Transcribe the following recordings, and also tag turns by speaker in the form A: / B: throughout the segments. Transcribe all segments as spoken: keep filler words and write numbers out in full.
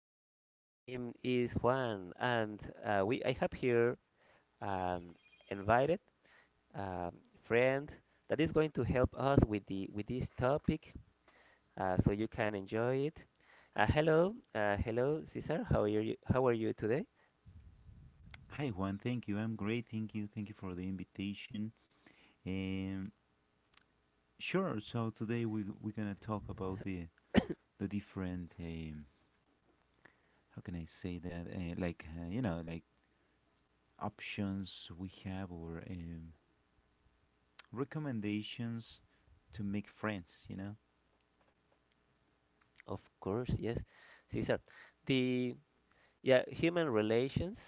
A: Uh, my name is Juan, and uh, we I have here an invited um, friend that is going to help us with the with this topic, uh, so you can enjoy it. Uh, hello, uh, hello, Cesar. How are you? How are you today?
B: Hi Juan, thank you. I'm great. Thank you. Thank you for the invitation. Um, sure. So today we we're gonna talk about the the different um, how can I say that, uh, like, uh, you know, like options we have or, um, recommendations to make friends. You know.
A: Of course, yes, Cesar. The Yeah, human relations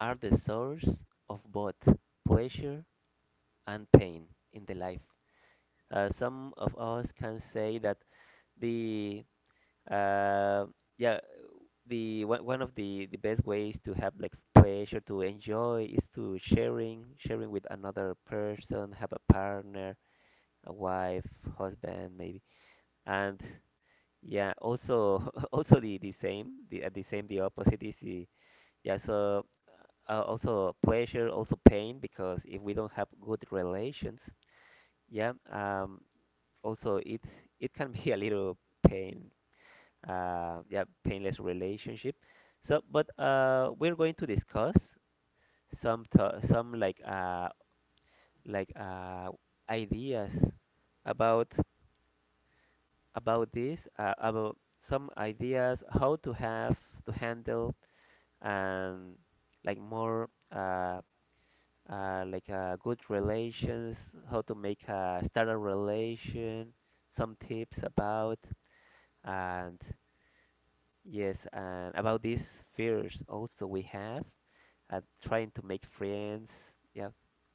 A: are the source of both pleasure and pain in the life. Uh, some of us can say that the uh, yeah the one one of the the best ways to have like pleasure to enjoy is to sharing sharing with another person, have a partner, a wife, husband maybe, and yeah, also also the the same the uh, the same the opposite is the yeah so. Uh, uh, also pleasure, also pain, because if we don't have good relations, yeah, um, also it it can be a little pain uh yeah painless relationship, so but uh we're going to discuss some th- some like uh like uh ideas about about this, uh, about some ideas how to have to handle and like more uh uh, like uh, good relations, how to make a start a relation, some tips about, and yes, and about these fears also we have at trying to make friends. Yeah,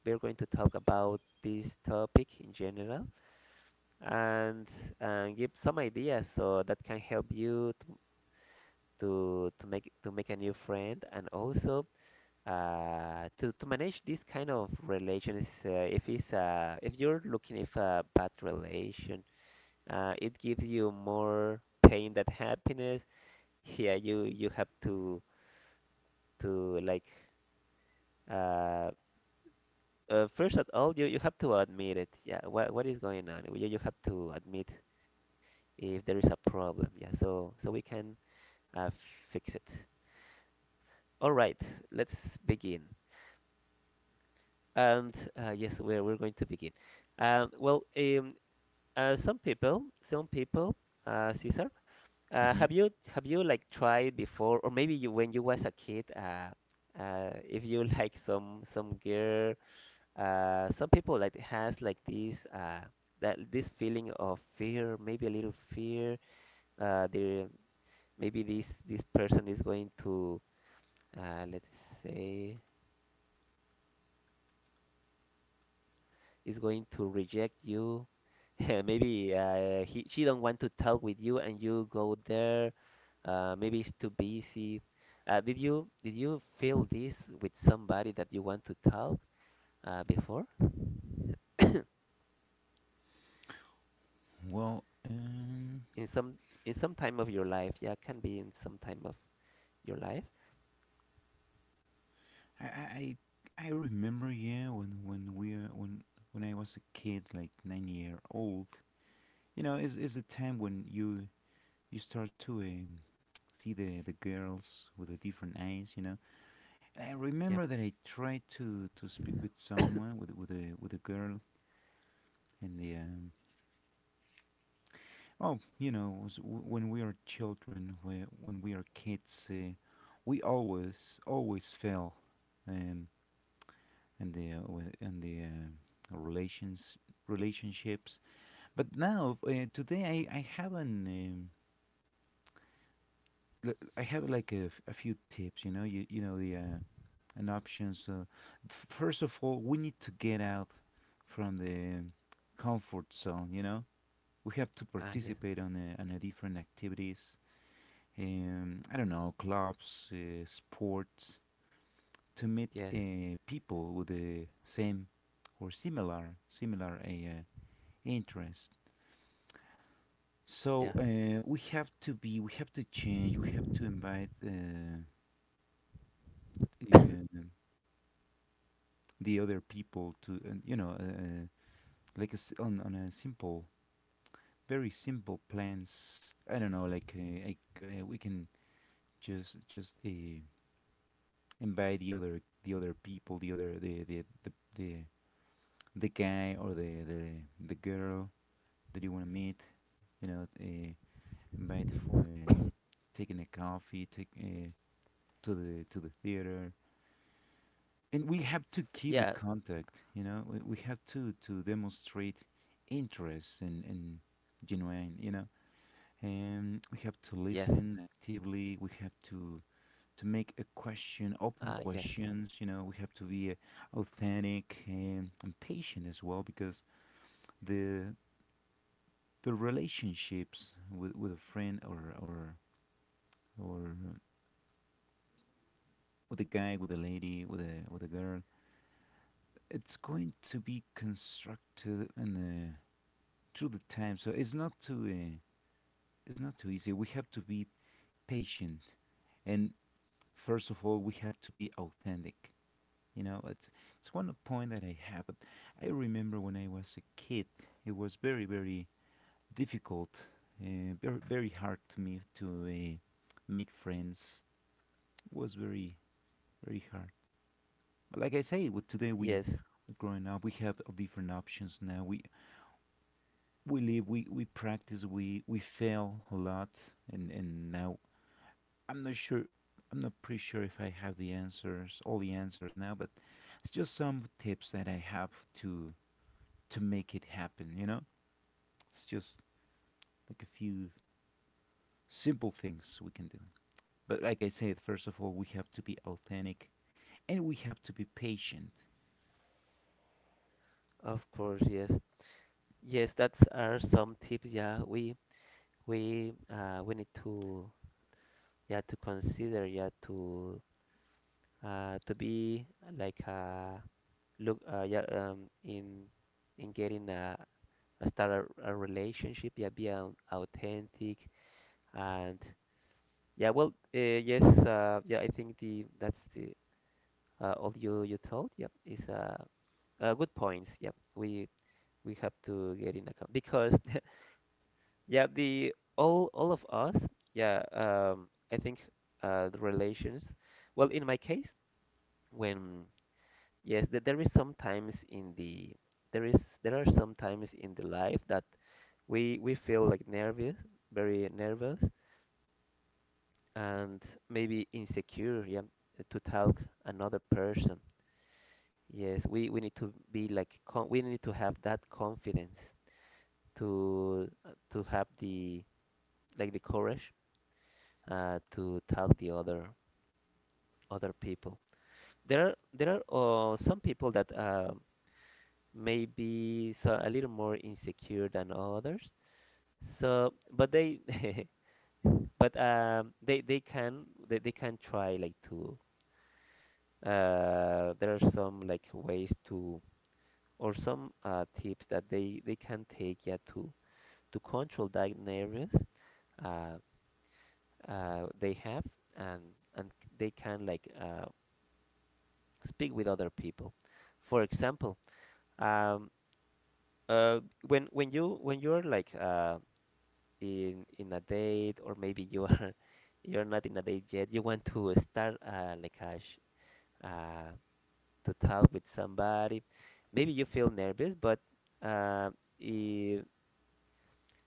A: we're going to talk about this topic in general and and give some ideas so that can help you to to, to make to make a new friend and also uh, to, to manage this kind of relations. Uh, if it's uh, if you're looking if a bad relation, uh, it gives you more pain than happiness. Yeah, you you have to. to like, uh, uh first of all, you, you have to admit it, yeah, what what is going on. You, you have to admit if there is a problem, yeah, so so we can uh, fix it. All right, let's begin. And uh, yes, we're, we're going to begin. um, well um, uh, some people, some people uh, Cesar, uh, have
B: hmm
A: you have you like tried before, or maybe you when you was a kid, uh, uh, if you like some some girl. Uh, some people like has like this, uh, that this feeling of fear, maybe a little fear. Uh, there Maybe this this person is going to, uh, let's say is going to reject you. Maybe, uh, he, she don't want to talk with you, and you go there. Uh, maybe it's too busy. Uh, did you did you feel this with somebody that you want to talk, uh, before? in
B: Well, um,
A: some in some time of your life, yeah, can be in some time of. Your life?
B: I, I I I remember, yeah, when when we, uh, when when I was a kid like nine year old. You know, is is a time when you you start to, um, see the, the girls with the different eyes, you know. And I
A: Yep.
B: remember that I tried to, to speak with someone, with, with, a, with a girl, and the, um, oh, you know, was w- when we are children, whe- when we are kids, uh, we always, always fail, um, and the, and the, uh, relations, relationships. But now, uh, today, I, I haven't. Um, l- I have like a, f- a few tips, you know, you, you know the, uh, an option. So, first of all, we need to get out from the comfort zone. You know, we have to
A: Ah, yes.
B: participate on a, on a different activities. Um, I don't know, clubs, uh, sports, to meet
A: Yes.
B: uh, people with the same or similar similar uh, interest. So,
A: Yes.
B: uh, we have to be, we have to change, we have to invite, uh, the, uh, the other people to, uh, you know, uh, like a s on on a simple, very simple plans. I don't know, like, uh, I, uh, we can just just uh, invite the other the other people, the other the the the the, the guy or the, the the girl that you want to meet. You know, uh, invite for, uh, taking a coffee, take, uh, to the to the theater, and we have to keep the
A: Yeah.
B: contact. You know, we, we have to to demonstrate interest and and genuine. You know. And we have to
A: Yes.
B: listen actively. We have to to make a question, open
A: Ah, yes.
B: questions. You know, we have to be, uh, authentic, and, and patient as well, because the the relationships with, with a friend, or or or with a guy, with a lady, with a with a girl, it's going to be constructed and, uh, through the time. So it's not too uh, it's not too easy. We have to be patient, and first of all we have to be authentic. You know, it's it's one point that I have. But I remember when I was a kid, it was very, very difficult, uh, very, very hard to me to, uh, make friends. It was very, very hard. But like I say, with today we
A: Yes.
B: we're growing up. We have different options now. We we live, we we practice, we we fail a lot. And and now, i'm not sure I'm not pretty sure if I have the answers, all the answers now, but it's just some tips that I have to to make it happen, you know? It's just, like, a few simple things we can do. But like I said, first of all, we have to be authentic, and we have to be patient
A: Of course. Yes. Yes. That's are some tips. Yeah, we we uh we need to, yeah, to consider, yeah, to uh to be like, uh look uh yeah um in in getting a, a start a, a relationship, yeah, be an authentic, and yeah, well, uh, yes, uh yeah I think the that's the, uh, all you you told, yeah, is, uh Uh, good points. Yeah, we we have to get in account, because yeah, the all all of us. Yeah, um, I think, uh, the relations. Well, in my case, when, yes, that there is sometimes in the, there is there are sometimes in the life that we we feel like nervous, very nervous, and maybe insecure. Yeah, to talk another person. Yes, we we need to be like con, we need to have that confidence, to to have the like the courage, uh, to tell the other other people. There are there are uh, some people that, uh, may be so a little more insecure than others. So, but they but um they they can they, they can try like to, uh there are some like ways to, or some uh tips that they they can take, yeah, to to control that nervous, uh uh, they have, and and they can like, uh, speak with other people. For example, um, uh, when when you when you're like, uh, in in a date or maybe you are you're not in a date yet, you want to start, uh, like a sh uh, to talk with somebody. Maybe you feel nervous, but uh, I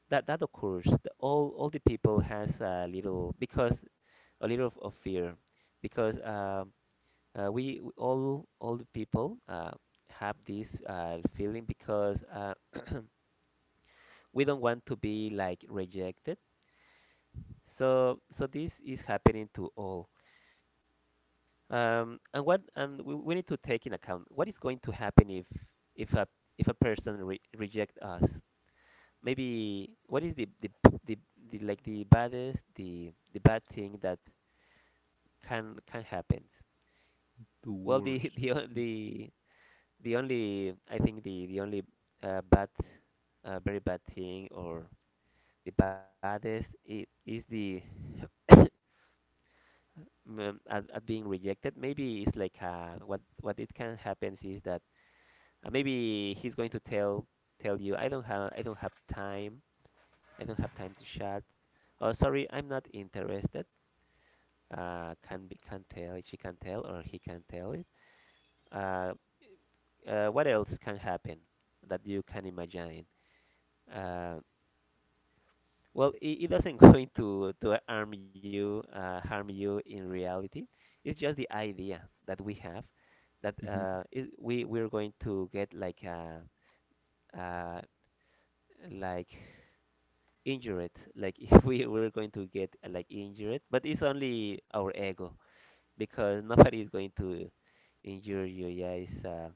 A: that that occurs. The, all all the people has a little, because a little of, of fear, because um, Uh, we, we- all all the people uh, have this, uh, feeling, because uh, we don't want to be like rejected. So, so this is happening to all. Um, and what, and we, we need to take in account what is going to happen if if a, if a person re reject us. Maybe what is the, the the the like the baddest, the the bad thing that can can happen. Well, the
B: towards.
A: the o- the the only, I think the the only, uh, bad, uh, very bad thing, or the baddest, i- is the um, at, at being rejected. Maybe it's like, uh, what what it can happens is that, uh, maybe he's going to tell, tell you, I don't have, I don't have time. I don't have time to chat. Oh, sorry, I'm not interested. Uh, can be, can tell, she can tell, or he can tell it. Uh, uh, what else can happen that you can imagine? Uh, Well, it, it doesn't going to to harm you, uh, harm you in reality. It's just the idea that we have, that
B: Mhm.
A: uh, it, we we're going to get like, uh, uh, like injured, like if we we're going to get, uh, like injured, but it's only our ego, because nobody is going to injure you. Yeah, it's, uh,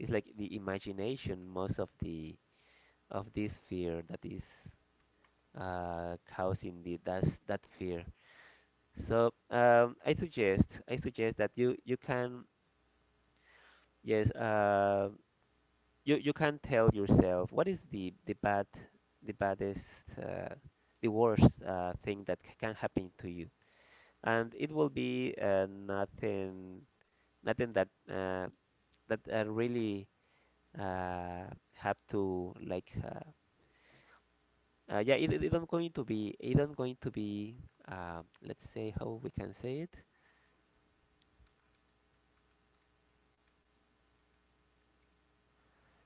A: it's like the imagination, most of the of this fear that is, uh, causing the that's that fear. So, um, I suggest, I suggest that you you can, yes, uh, you you can tell yourself what is the the bad, the baddest, uh, the worst, uh, thing that c- can happen to you, and it will be, uh, nothing, nothing that, uh, that uh, really, uh, have to like, uh, uh, yeah, it, it it don't going to be, it don't going to be, uh, let's say how we can say it,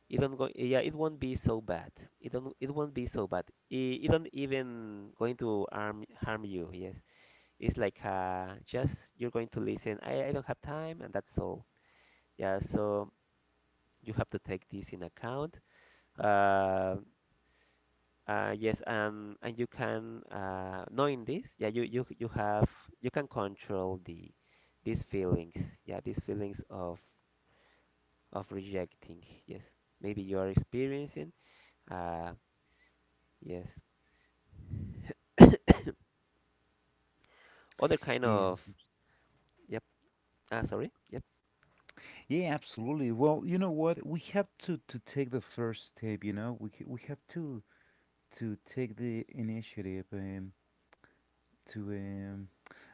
A: even go, yeah, it won't be so bad, it don't, it won't be so bad, it, it don't even going to harm, harm you, yes, it's like uh just you're going to listen, I, I don't have time, and that's all. Yeah, so you have to take this in account, uh, uh yes. And and you can, uh knowing this, yeah, you you you have, you can control the these feelings, yeah these feelings of of rejecting, yes, maybe you are experiencing, uh yes. Other kind
B: Yes.
A: of, yep, ah, sorry, yep,
B: Yeah, absolutely. Well, you know what? We have to to take the first step, you know? We ca- we have to to take the initiative, um to um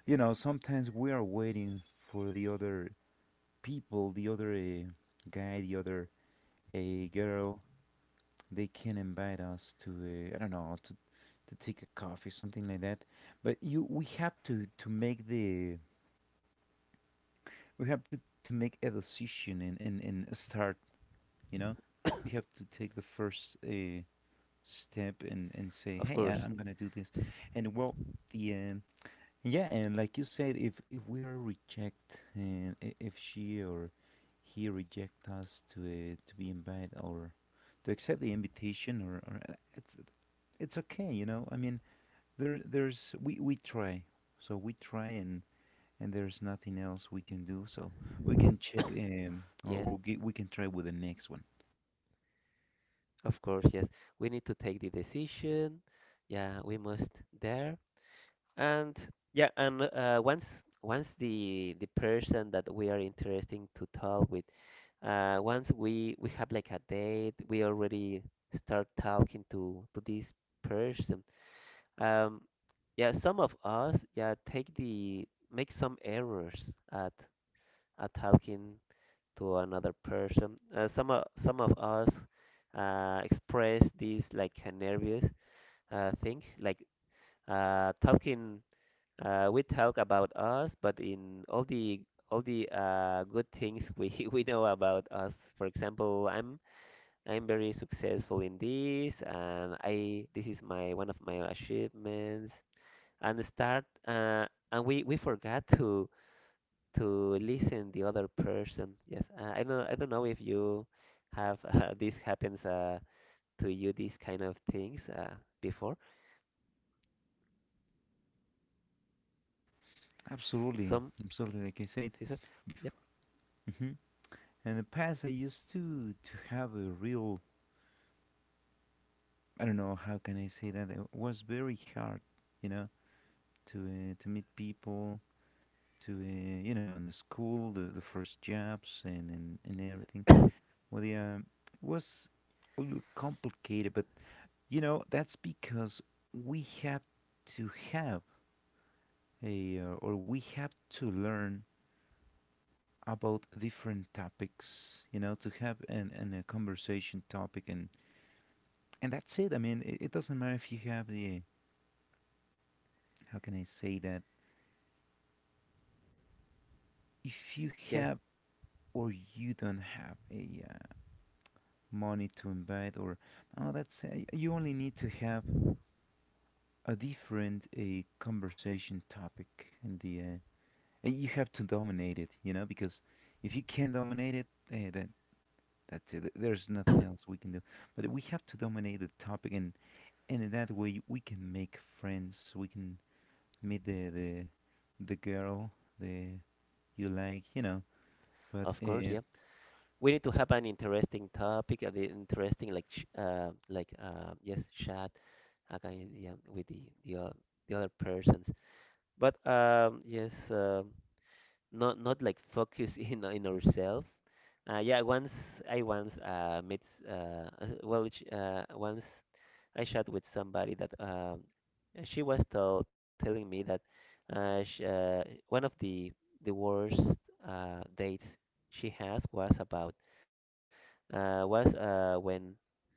B: you know, sometimes we are waiting for the other people, the other, uh, guy, the other, uh, girl, they can invite us to a, I don't know, to, to take a coffee, something like that, but you we have to to make the we have to to make a decision, and and, and start. you know we have to take the first, uh, step, and and
A: of
B: say, hey,
A: course,
B: I, I'm gonna do this. And well, the um, yeah, and like you said, if, if we are reject, and, i- if she or he reject us to, uh, to be invited, or to accept the invitation, or, or uh, it's it's okay, you know. I mean, there there's we we try, so we try, and and there's nothing else we can do. So we can check, um or,
A: yes,
B: or ge- we can try with the next one.
A: of course, yes. We need to take the decision. Yeah, we must there. And yeah, and, uh, once, once the the person that we are interesting to talk with, uh, once we we have like a date, we already start talking to to this person. Um, yeah, some of us, yeah, take the make some errors at at talking to another person. Uh, some o- some of us uh, express this like a nervous, uh, thing, like, uh, talking. Uh, we talk about us, but in all the all the, uh, good things we we know about us. For example, I'm I'm very successful in this, and I this is my one of my achievements. And start, uh, and we we forgot to to listen the other person. Yes, I I don't, I don't know if you have uh, this happens, uh, to you, these kind of things, uh, before.
B: Absolutely,
A: Some
B: absolutely. Like I said,
A: Caesar.
B: bef-
A: Yep.
B: hmm in the past I used to to have a real, I don't know how can I say that, it was very hard, you know, to, uh, to meet people, to, uh, you know, in the school, the, the first jobs, and, and and everything. Well, yeah, it was a little complicated, but, you know, that's because we have to have a, uh, or we have to learn about different topics, you know, to have an, an a conversation topic, and and that's it. I mean, it, it doesn't matter if you have the, how can I say that, if you
A: Yes,
B: have or you don't have a, uh, money to invite, or no, that's, uh, you only need to have a different a conversation topic in the, uh, you have to dominate it, you know, because if you can't dominate it, eh, then that's it. There's nothing else we can do. But we have to dominate the topic, and and in that way we can make friends. We can meet the the the girl the you like, you know. But,
A: of course.
B: uh,
A: Yep. We need to have an interesting topic, an interesting like ch- uh like uh yes chat again, yeah, with the the, o- the other persons. But um yes. Um not, not like focus in in ourselves. Uh, yeah, once I, once uh, met, uh, uh, well sh- uh, once I chat with somebody that, um, uh, she was tell, telling me that, uh, sh uh, one of the the worst uh, dates she has was about, uh, was uh, when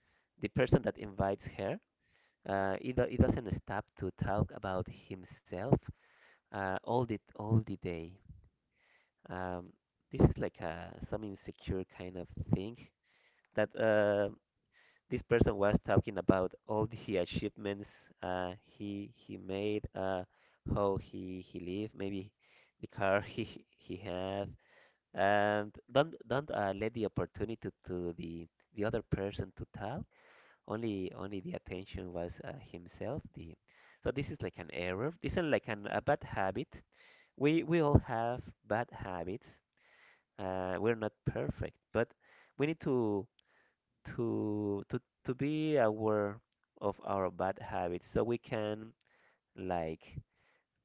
A: the person that invites her, uh, he, do, he doesn't stop to talk about himself, uh, all the all the day. um, this is like a some insecure kind of thing, that, uh, this person was talking about all the achievements, uh, he he made, uh, how he he lived, maybe the car he he had, and don't don't uh, let the opportunity to the the other person to talk. Only only the attention was, uh, himself. The, so this is like an error. This is like an, a bad habit. We we all have bad habits, uh, we're not perfect, but we need to to to to be aware of our bad habits so we can, like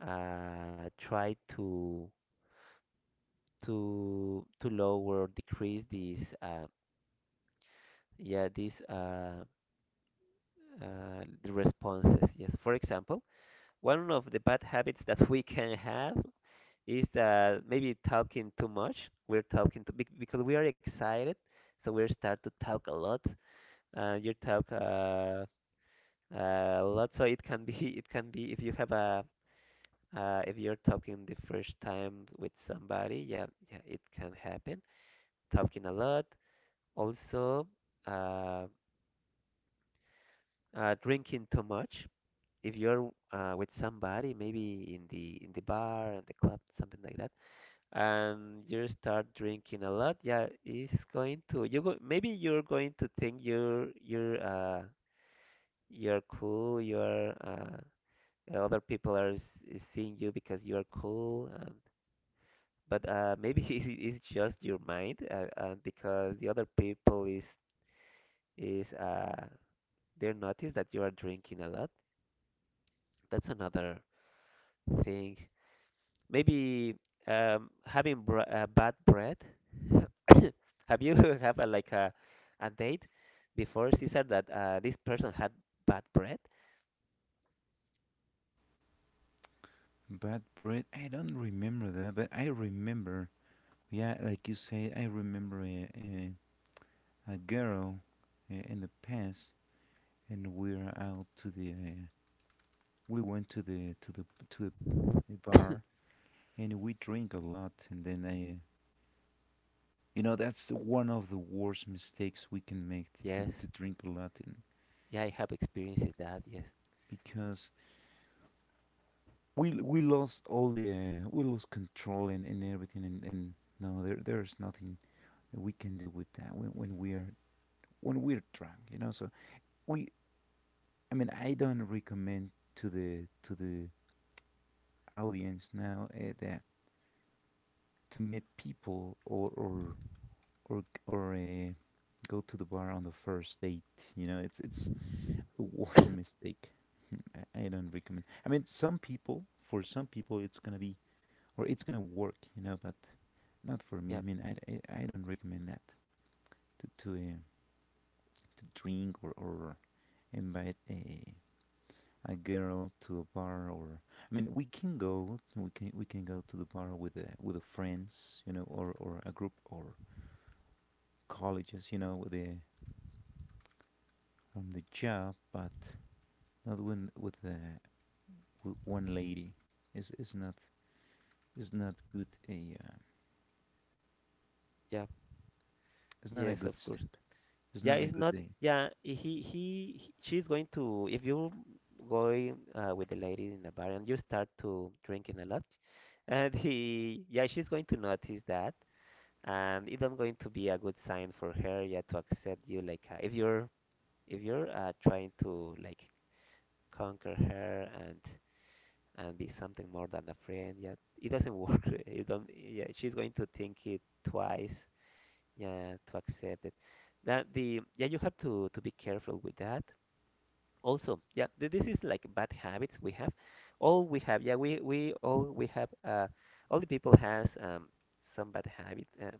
A: uh, try to to to lower decrease these uh, yeah, these uh, uh, the responses. Yes, for example, one of the bad habits that we can have is that maybe talking too much. We're talking to because we are excited, so we start to talk a lot, uh, your talk uh, a lot. So it can be it can be if you have a, uh, if you're talking the first time with somebody, yeah, yeah, it can happen. Talking a lot, also, uh, uh, drinking too much. If you're uh, with somebody, maybe in the in the bar and the club, something like that, and you start drinking a lot, yeah, it's going to you go, maybe you're going to think you're you're uh, you're cool, you're uh, Uh, other people are s- is seeing you because you are cool and but uh, maybe it's, it's just your mind, uh, uh, because the other people is is uh, they notice that you are drinking a lot. That's another thing. Maybe, um, having br uh, bad breath. Have you have a, like a a date before Caesar that uh, this person had bad breath?
B: bad bread, I don't remember that, but I remember. Yeah, like you say, I remember a a, a girl, uh, in the past, and we're out to the uh, we went to the to the to a bar, and we drink a lot, and then, I you know that's one of the worst mistakes we can make, to,
A: Yes.
B: to drink a lot, and
A: Yeah, I have experienced that. Yes.
B: because we we lost all the, uh, we lost control, and, and everything, and, and no, there there's nothing that we can do with that when, when we are when we're drunk, you know? So we I mean, I don't recommend, to the to the audience now, uh, that, to meet people, or or or, or uh, go to the bar on the first date. You know, it's it's the worst mistake. I, I don't recommend. I mean, some people, for some people, it's gonna be or it's gonna work. You know, but not for me. I
A: Yep.
B: mean, I, I, I don't recommend that, to, to, uh, to drink, or or invite a a girl to a bar, or, I mean, we can go, we can we can go to the bar with a, with a friends, you know, or or a group, or colleges, you know, with the from the job, but not when with the with one lady. It's it's not, it's not good. a uh,
A: Yep.
B: it's not a
A: Yes,
B: good
A: of course.
B: step. It's
A: Yeah,
B: not a
A: it's
B: good
A: not.
B: day.
A: Yeah, he, he he- she's going to. If you going uh, with the lady in the bar and you start to drinking a lot, and he, yeah, she's going to notice that, and it's not going to be a good sign for her. Yeah, to accept you like, uh, if you're if you're uh, trying to like conquer her and and be something more than a friend. Yeah, it doesn't work. It don't. Yeah, she's going to think it twice. Yeah, to accept it. That the yeah, you have to to be careful with that also, yeah. Th- this is like bad habits we have, all we have, yeah, we we all we have uh all the people has, um some bad habit, uh,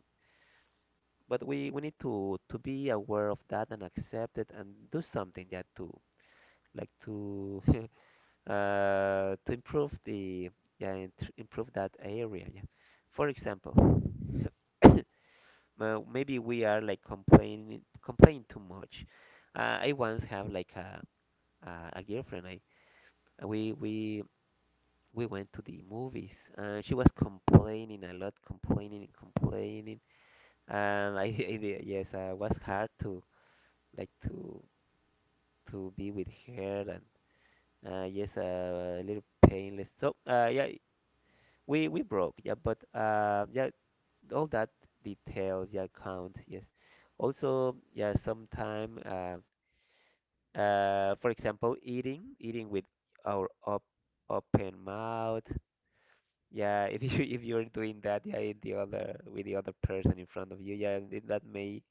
A: but we we need to to be aware of that and accept it and do something, yeah, to like to uh to improve the, yeah, in- to improve that area, yeah. For example, uh, maybe we are like complaining complaining too much. uh, I once have like a a, a girlfriend, I we we we went to the movies and she was complaining a lot, complaining and complaining, and I, I yes, uh, it was hard to like to to be with her, and uh, yes, uh, a little painless, so uh, yeah, we we broke, yeah, but uh, yeah, all that details, yeah, count, yes. Also, yeah, sometime, uh, uh, for example, eating eating with our op open mouth. Yeah, if you if you're doing that, yeah, in the other with the other person in front of you, yeah, th- that may,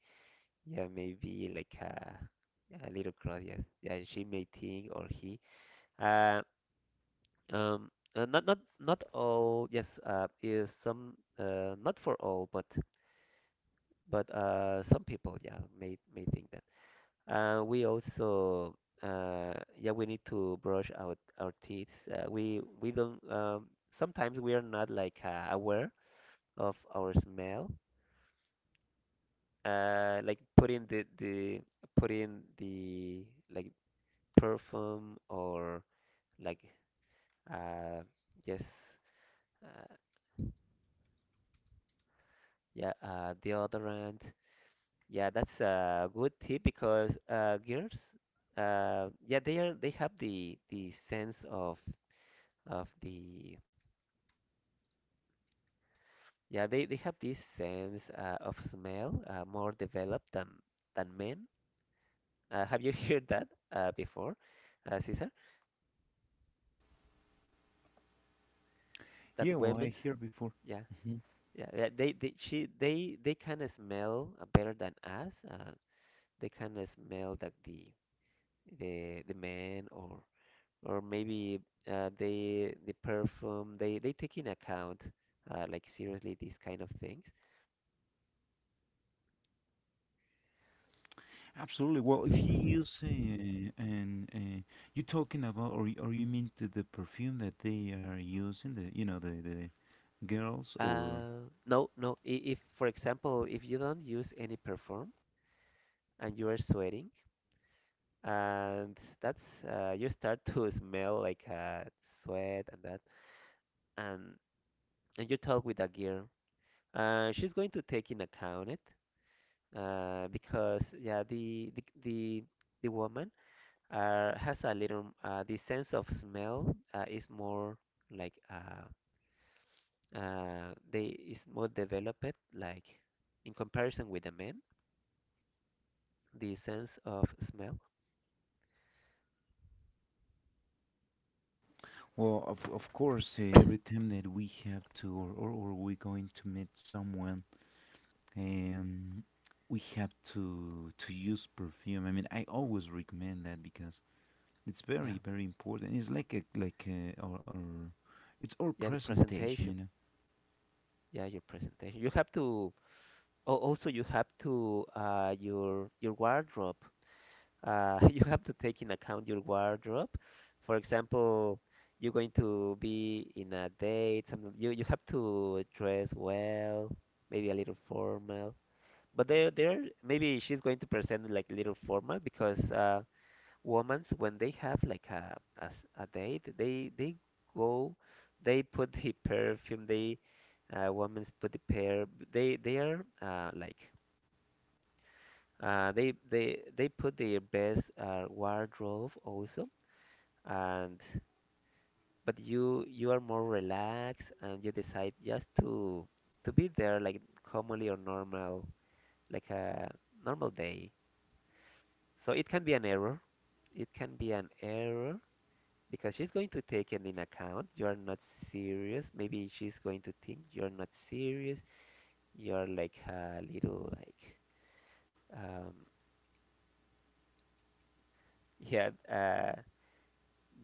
A: yeah, may be like a a little cross. Yes, yeah, she may think or he. Uh, um, uh, not not not all. Yes, uh, is some, uh not for all, but but uh some people, yeah, may may think that. Uh, we also uh yeah, we need to brush out our teeth. Uh, we we don't, um sometimes we are not like uh, aware of our smell, uh, like put in the the put in the like perfume or like uh yes uh, yeah, uh deodorant, yeah, that's a good tip because uh girls, uh yeah, they are they have the the sense of of the, yeah, they they have this sense uh, of smell, uh, more developed than than men. Uh, have you heard that uh before, uh Cesar, that
B: Yeah, well, I
A: women's,
B: hear before.
A: yeah. Yeah, yeah, they they she they they kind of smell uh, better than us. Uh, they kind of smell that the the the man or or maybe uh, they the perfume they they take in account, uh, like seriously these kind of things.
B: Absolutely. Well, if you use, uh, and, uh, you talking about, or, y- or you mean to the perfume that they are using, the you know the the girls, or,
A: Uh, no, no. i- If for example, if you don't use any perfume and you are sweating, and that's uh, you start to smell like uh, sweat and that, and and you talk with a girl, uh, she's going to take in account it, uh, because, yeah, the the the, the woman, uh, has a little uh, the sense of smell, uh, is more like uh, uh, they is more developed like in comparison with the men. The sense of smell.
B: well, of of course, uh, every time that we have to, or, or, or we going to meet someone, um, we have to to use perfume. I mean, I always recommend that, because it's
A: Yeah,
B: very, very important. It's like a like a, our, our it's our
A: yeah, the
B: presentation, you
A: presentation.
B: know.
A: Yeah, your presentation. You have to. Oh, also you have to uh, your your wardrobe. Uh, you have to take in account your wardrobe. For example, you're going to be in a date, something, you you have to dress well, maybe a little formal. But there there maybe she's going to present like a little formal because uh women, when they have like a, a s- a date, they they go, they put the perfume, they, uh women put the pair, they they are uh like, uh, they they they put their best, uh, wardrobe also, and but you you are more relaxed and you decide just to to be there like commonly or normal, like a normal day. So it can be an error. It can be an error because she's going to take it in account. You are not serious. Maybe she's going to think you're not serious. You're like a little like, um yeah. uh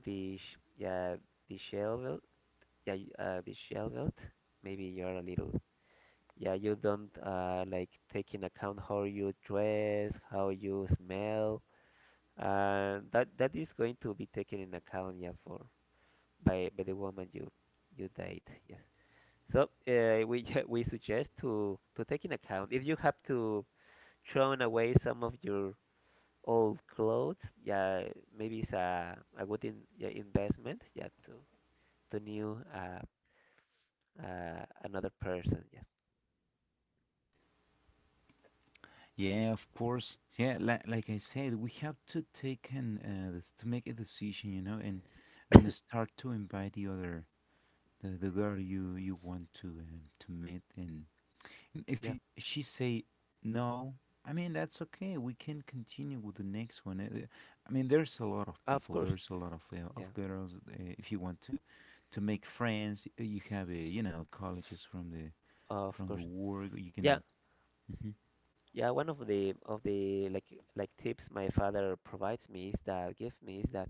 A: The sh- yeah, the shell wilt. Yeah, y- uh, the shell wilt. Maybe you're a little. Yeah, you don't uh like take in account how you dress, how you smell. Uh, that that is going to be taken in account. Yeah, for by by the woman you you date. Yes. So uh, we ju- we suggest to to take in account if you have to thrown away some of your old clothes. Yeah, maybe it's a a good in, yeah, investment. Yeah, to to new uh, uh, another person.
B: Yeah, of course. Yeah, like like I said, we have to take an, uh, this- to make a decision, you know, and
A: Yeah,
B: and start to invite the other the, the girl you you want to, um, to meet, and if,
A: yeah,
B: y- she say no, I mean, that's okay. We can continue with the next one. Uh, I mean, there's a lot of
A: of
B: people.
A: course.
B: There's a lot of, uh,
A: Yeah,
B: of girls. Uh, if you want to to make friends, uh, you have, a you know colleges from the
A: of
B: from the
A: course.
B: work. You
A: Yeah,
B: can.
A: yeah. One of the of the like like tips my father provides me is that gives me is that,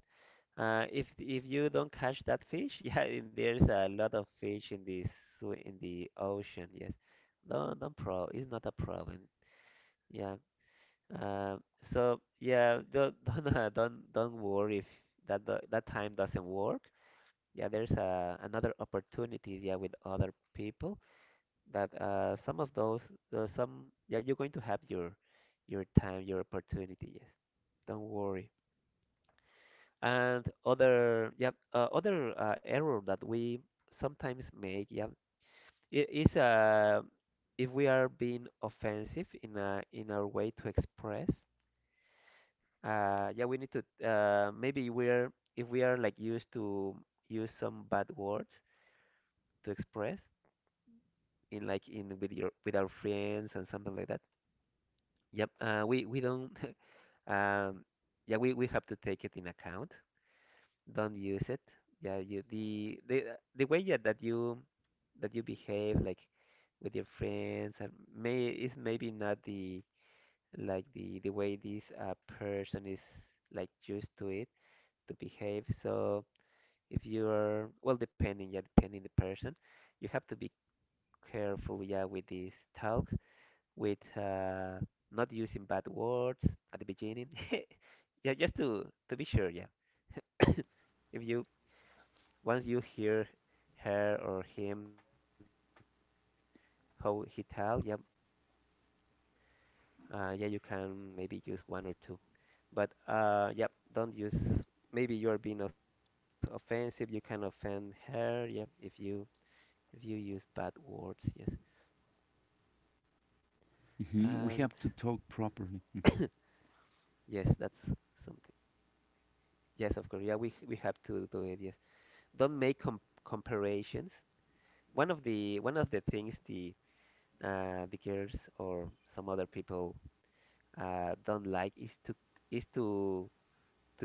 A: uh, if if you don't catch that fish, yeah, and there's a lot of fish in the sw in the ocean. Yes, no, don't pro. It's not a problem. Yeah. Uh, so yeah, don't don't uh, don't don't worry if that do- that time doesn't work, yeah. There's uh, another opportunities, yeah, with other people that, uh, some of those, uh, some, yeah, you're going to have your your time, your opportunity, yes, don't worry. And other, yeah, uh, other uh, error that we sometimes make, yeah, i- is uh if we are being offensive in a in our way to express, uh yeah, we need to uh maybe we're if we are like used to use some bad words to express in like in with your with our friends and something like that. Yep. Uh, we we don't. Um, yeah, we we have to take it in account. Don't use it. Yeah, you the the the way, yeah, that you that you behave like with your friends and may is maybe not the like the the way this uh, person is like used to it to behave. So if you're well, depending, yeah, depending the person, you have to be careful, yeah, with this talk with uh, not using bad words at the beginning. Yeah, just to to be sure, yeah. If you once you hear her or him how he tell, yeah, uh, yeah, you can maybe use one or two. But uh, yeah, don't use. Maybe you are being os- offensive. You can offend her. Yeah, if you if you use bad words, yes. And
B: Mhm. We have to talk properly. Mhm.
A: yes, that's something. Yes, of course. Yeah, we we have to do it. Yes, don't make com- comparisons. One of the one of the things the, uh, the girls or some other people, uh, don't like is to is to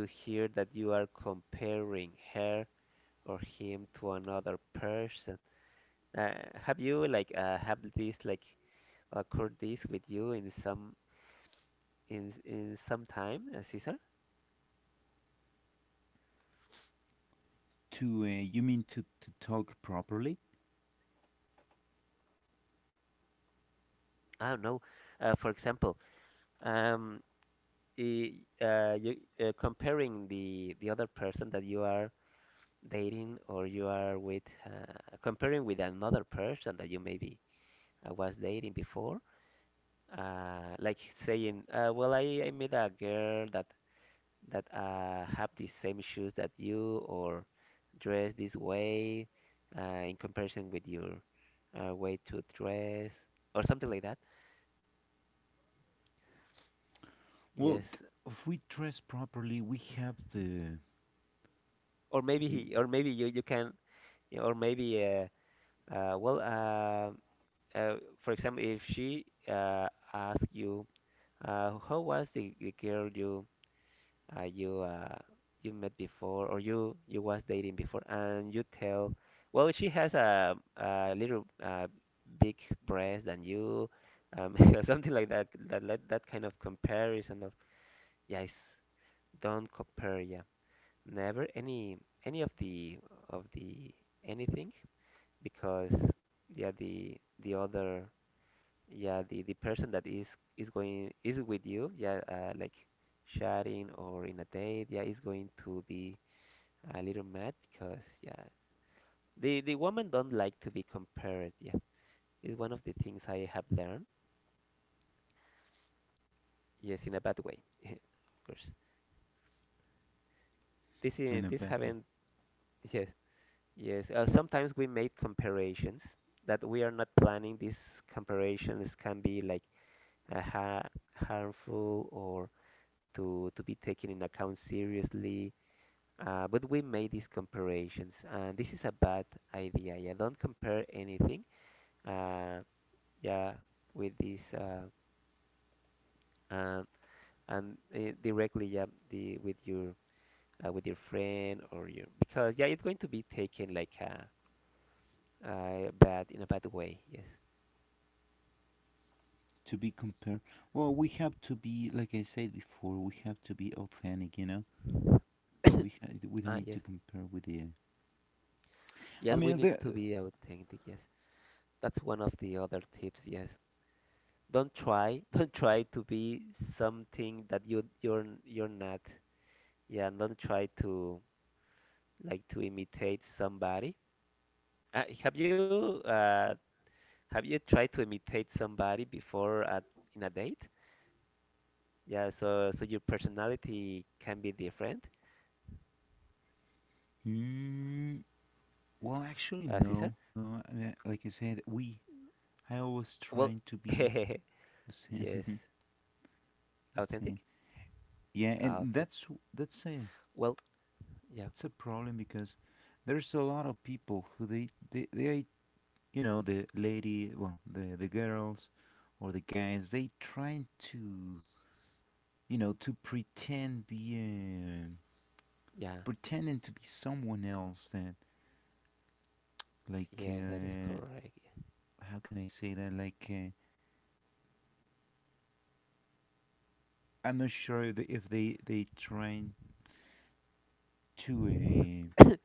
A: to hear that you are comparing her or him to another person. Uh, have you like uh, have this like occurred this with you in some in in some time, uh, Cesar?
B: To, uh, you mean to to talk properly?
A: I don't know. Uh, for example, um, i- uh, you uh, comparing the the other person that you are dating or you are with, uh, comparing with another person that you maybe uh, was dating before, uh, like saying, uh, well, I, I met a girl that that uh, have the same shoes that you, or dress this way, uh, in comparison with your uh, way to dress, or something like that.
B: Well,
A: Yes,
B: th- if we dress properly, we have the,
A: or maybe he,
B: y-
A: or maybe you you can, or maybe uh, uh, well uh, uh, for example, if she uh, asks you, uh, how was the, the girl you uh, you uh, you met before, or you you was dating before, and you tell, well, she has a a little, uh, big breast than you, um, something like that. That that that kind of comparison of, yes, don't compare. Yeah, never any, any of the, of the, anything, because yeah, the the other, yeah, the, the person that is is going, is with you, yeah, uh, like chatting or in a date, yeah, is going to be a little mad because yeah, the the woman don't like to be compared, yeah, is one of the things I have learned. Yes, in a bad way, of course. This is
B: in a
A: this
B: bad way.
A: haven't. Yes. Yes, uh, sometimes we make comparations that we are not planning. These comparations can be like uh, ha harmful, or to to be taken in account seriously. Uh, but we made these comparisons, and this is a bad idea. Yeah, don't compare anything. Uh, yeah, with this, uh, uh, and uh, directly, yeah, the with your uh, with your friend or your, because yeah, it's going to be taken like a, uh bad, in a bad way. Yes.
B: To be compared. Well, we have to be, like I said before, we have to be authentic, you know. So we ha- we don't
A: Ah,
B: need
A: yes.
B: to compare with the. I
A: Yes, we
B: mean,
A: need to
B: the.
A: be authentic. Yes, that's one of the other tips. Yes, don't try, don't try to be something that you you're you're not. Yeah, and don't try to, like to imitate somebody. Uh, have you uh, have you tried to imitate somebody before at, in a date? Yeah, so so your personality can be different, uh,
B: Mm,
A: Cesar.
B: well, actually, no, no. I mean, like I said,
A: Well,
B: we. I
A: yes,
B: always trying to be the same,
A: authentic.
B: the same.
A: Ah, okay.
B: Yeah, and that's
A: Well,
B: that's a
A: yeah,
B: that's a problem because there's a lot of people who they they, they you know the lady well the the girls or the guys, they trying to, you know, to pretend be uh,
A: yeah,
B: pretending to be someone else that,
A: yes,
B: like,
A: that is
B: uh,
A: correct.
B: how can I say that, like, uh, I'm not sure if they if they, they trying to, uh,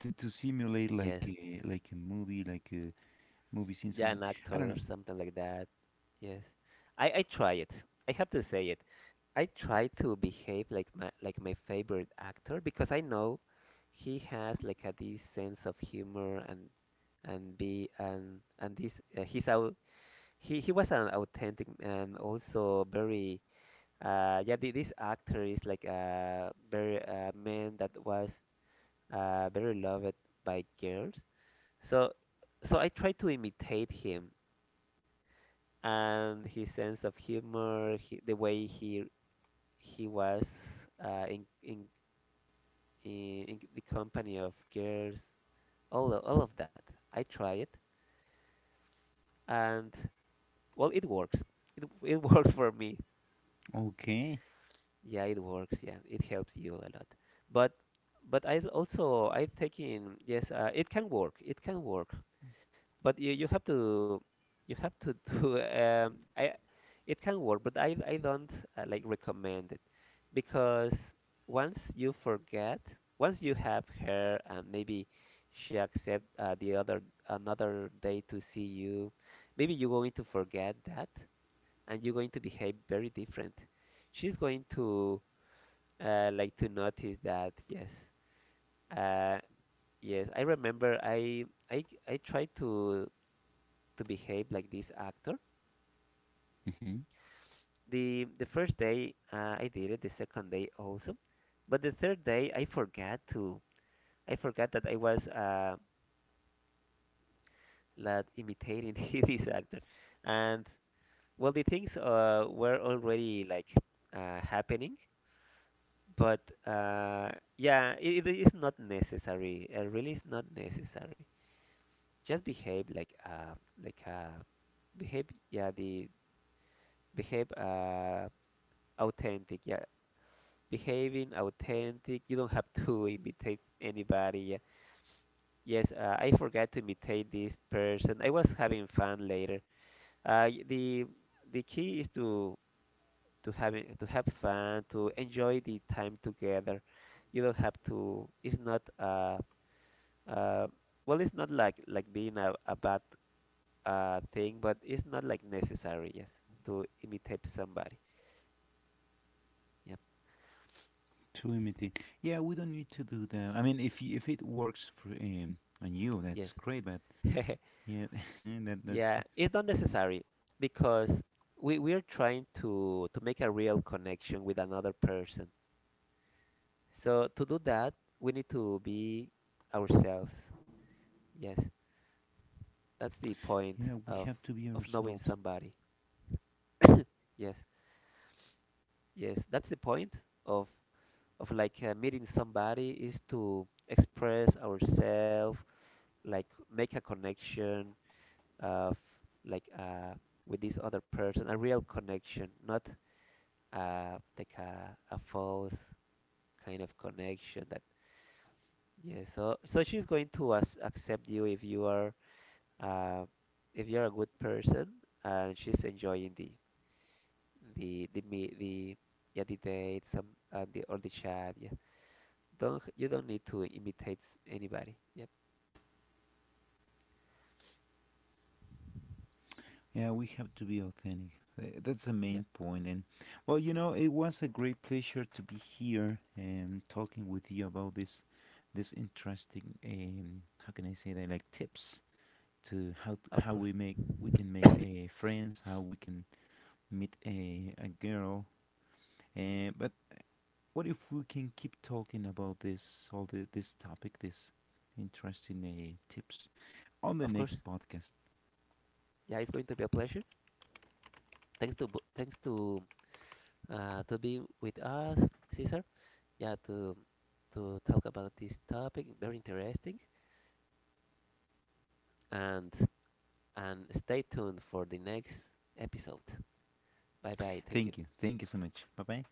B: to to simulate like
A: Yes,
B: a, like a movie like a movie scene,
A: yeah,
B: something.
A: an
B: I don't know.
A: actor, something like that. Yes, I I try it. I have to say it. I try to behave like my, like my favorite actor, because I know he has like a this sense of humor, and and be and and this, uh, he's out, he he was an authentic, and also very uh yeah thi- this actor is like a very, uh, man that was uh very loved by girls, so so I try to imitate him, and his sense of humor, he, the way he he was uh, in, in in, in the company of girls, all of, all of that. I try it, and well, it works. It, it works for me.
B: Okay.
A: Yeah, it works. Yeah, it helps you a lot. But but I also I taking, yes, uh, it can work. It can work. But you, you have to, you have to do, um I, it can work, but I I don't uh, like recommend it, because once you forget, once you have her, and maybe she accept, uh, the other, another day to see you, maybe you're going to forget that, and you're going to behave very different. She's going to uh, like to notice that. Yes, uh, yes, I remember. I I I tried to to behave like this actor.
B: hmm
A: The the first day, uh, I did it, the second day also, but the third day I forgot to. I forgot that I was, uh, like imitating this actor. And well, the things, uh, were already like uh, happening, but uh, yeah, it, it is not necessary. It really is not necessary. Just behave like, uh, like uh, behave. Yeah, the behave, uh, authentic. Yeah, behaving authentic. You don't have to imitate anybody. Yeah. Yes, uh, I forgot to imitate this person. I was having fun later. Uh, y- the the key is to to having to have fun, to enjoy the time together. You don't have to. It's not uh uh well, it's not like like being a, a bad uh thing, but it's not like necessary. Yes, to imitate somebody. Yep.
B: to imitate, yeah, we don't need to do that. I mean, if you, if it works for um, on you, that's
A: Yes.
B: great, but, yeah, that that's
A: Yeah, it's not
B: amazing.
A: necessary, because we we are trying to to make a real connection with another person. So to do that, we need to be ourselves. Yes. That's the point
B: Yeah, we
A: of
B: have to be
A: of knowing
B: ourselves.
A: somebody. Yes, yes, that's the point of of like, uh, meeting somebody is to express ourselves, like make a connection of like, uh with this other person. A real connection, not uh like a a false kind of connection that, yeah, so so she's going to as accept you if you are, uh if you're a good person, and she's enjoying the, the the me- the, yeah, the date, some, uh, the or the chat. Yeah, don't, you don't need to imitate s- anybody. Yep.
B: Yeah, we have to be authentic. Th- That's the
A: Yeah,
B: main point. And well, you know, it was a great pleasure to be here and talking with you about this, this interesting. Um, how can I say that? Like tips to how, t-
A: of
B: how
A: course.
B: we make we can make a friends, how we can meet a a girl. And but what if we can keep talking about this all the this topic, this interesting, uh, tips on the
A: Of course,
B: next podcast?
A: yeah, it's going to be a pleasure. Thanks to bo- thanks to uh to be with us, Cesar. Yeah, to to talk about this topic, very interesting. and and stay tuned for the next episode. Bye bye, thank you.
B: Thank you. Thank you so much. Bye bye.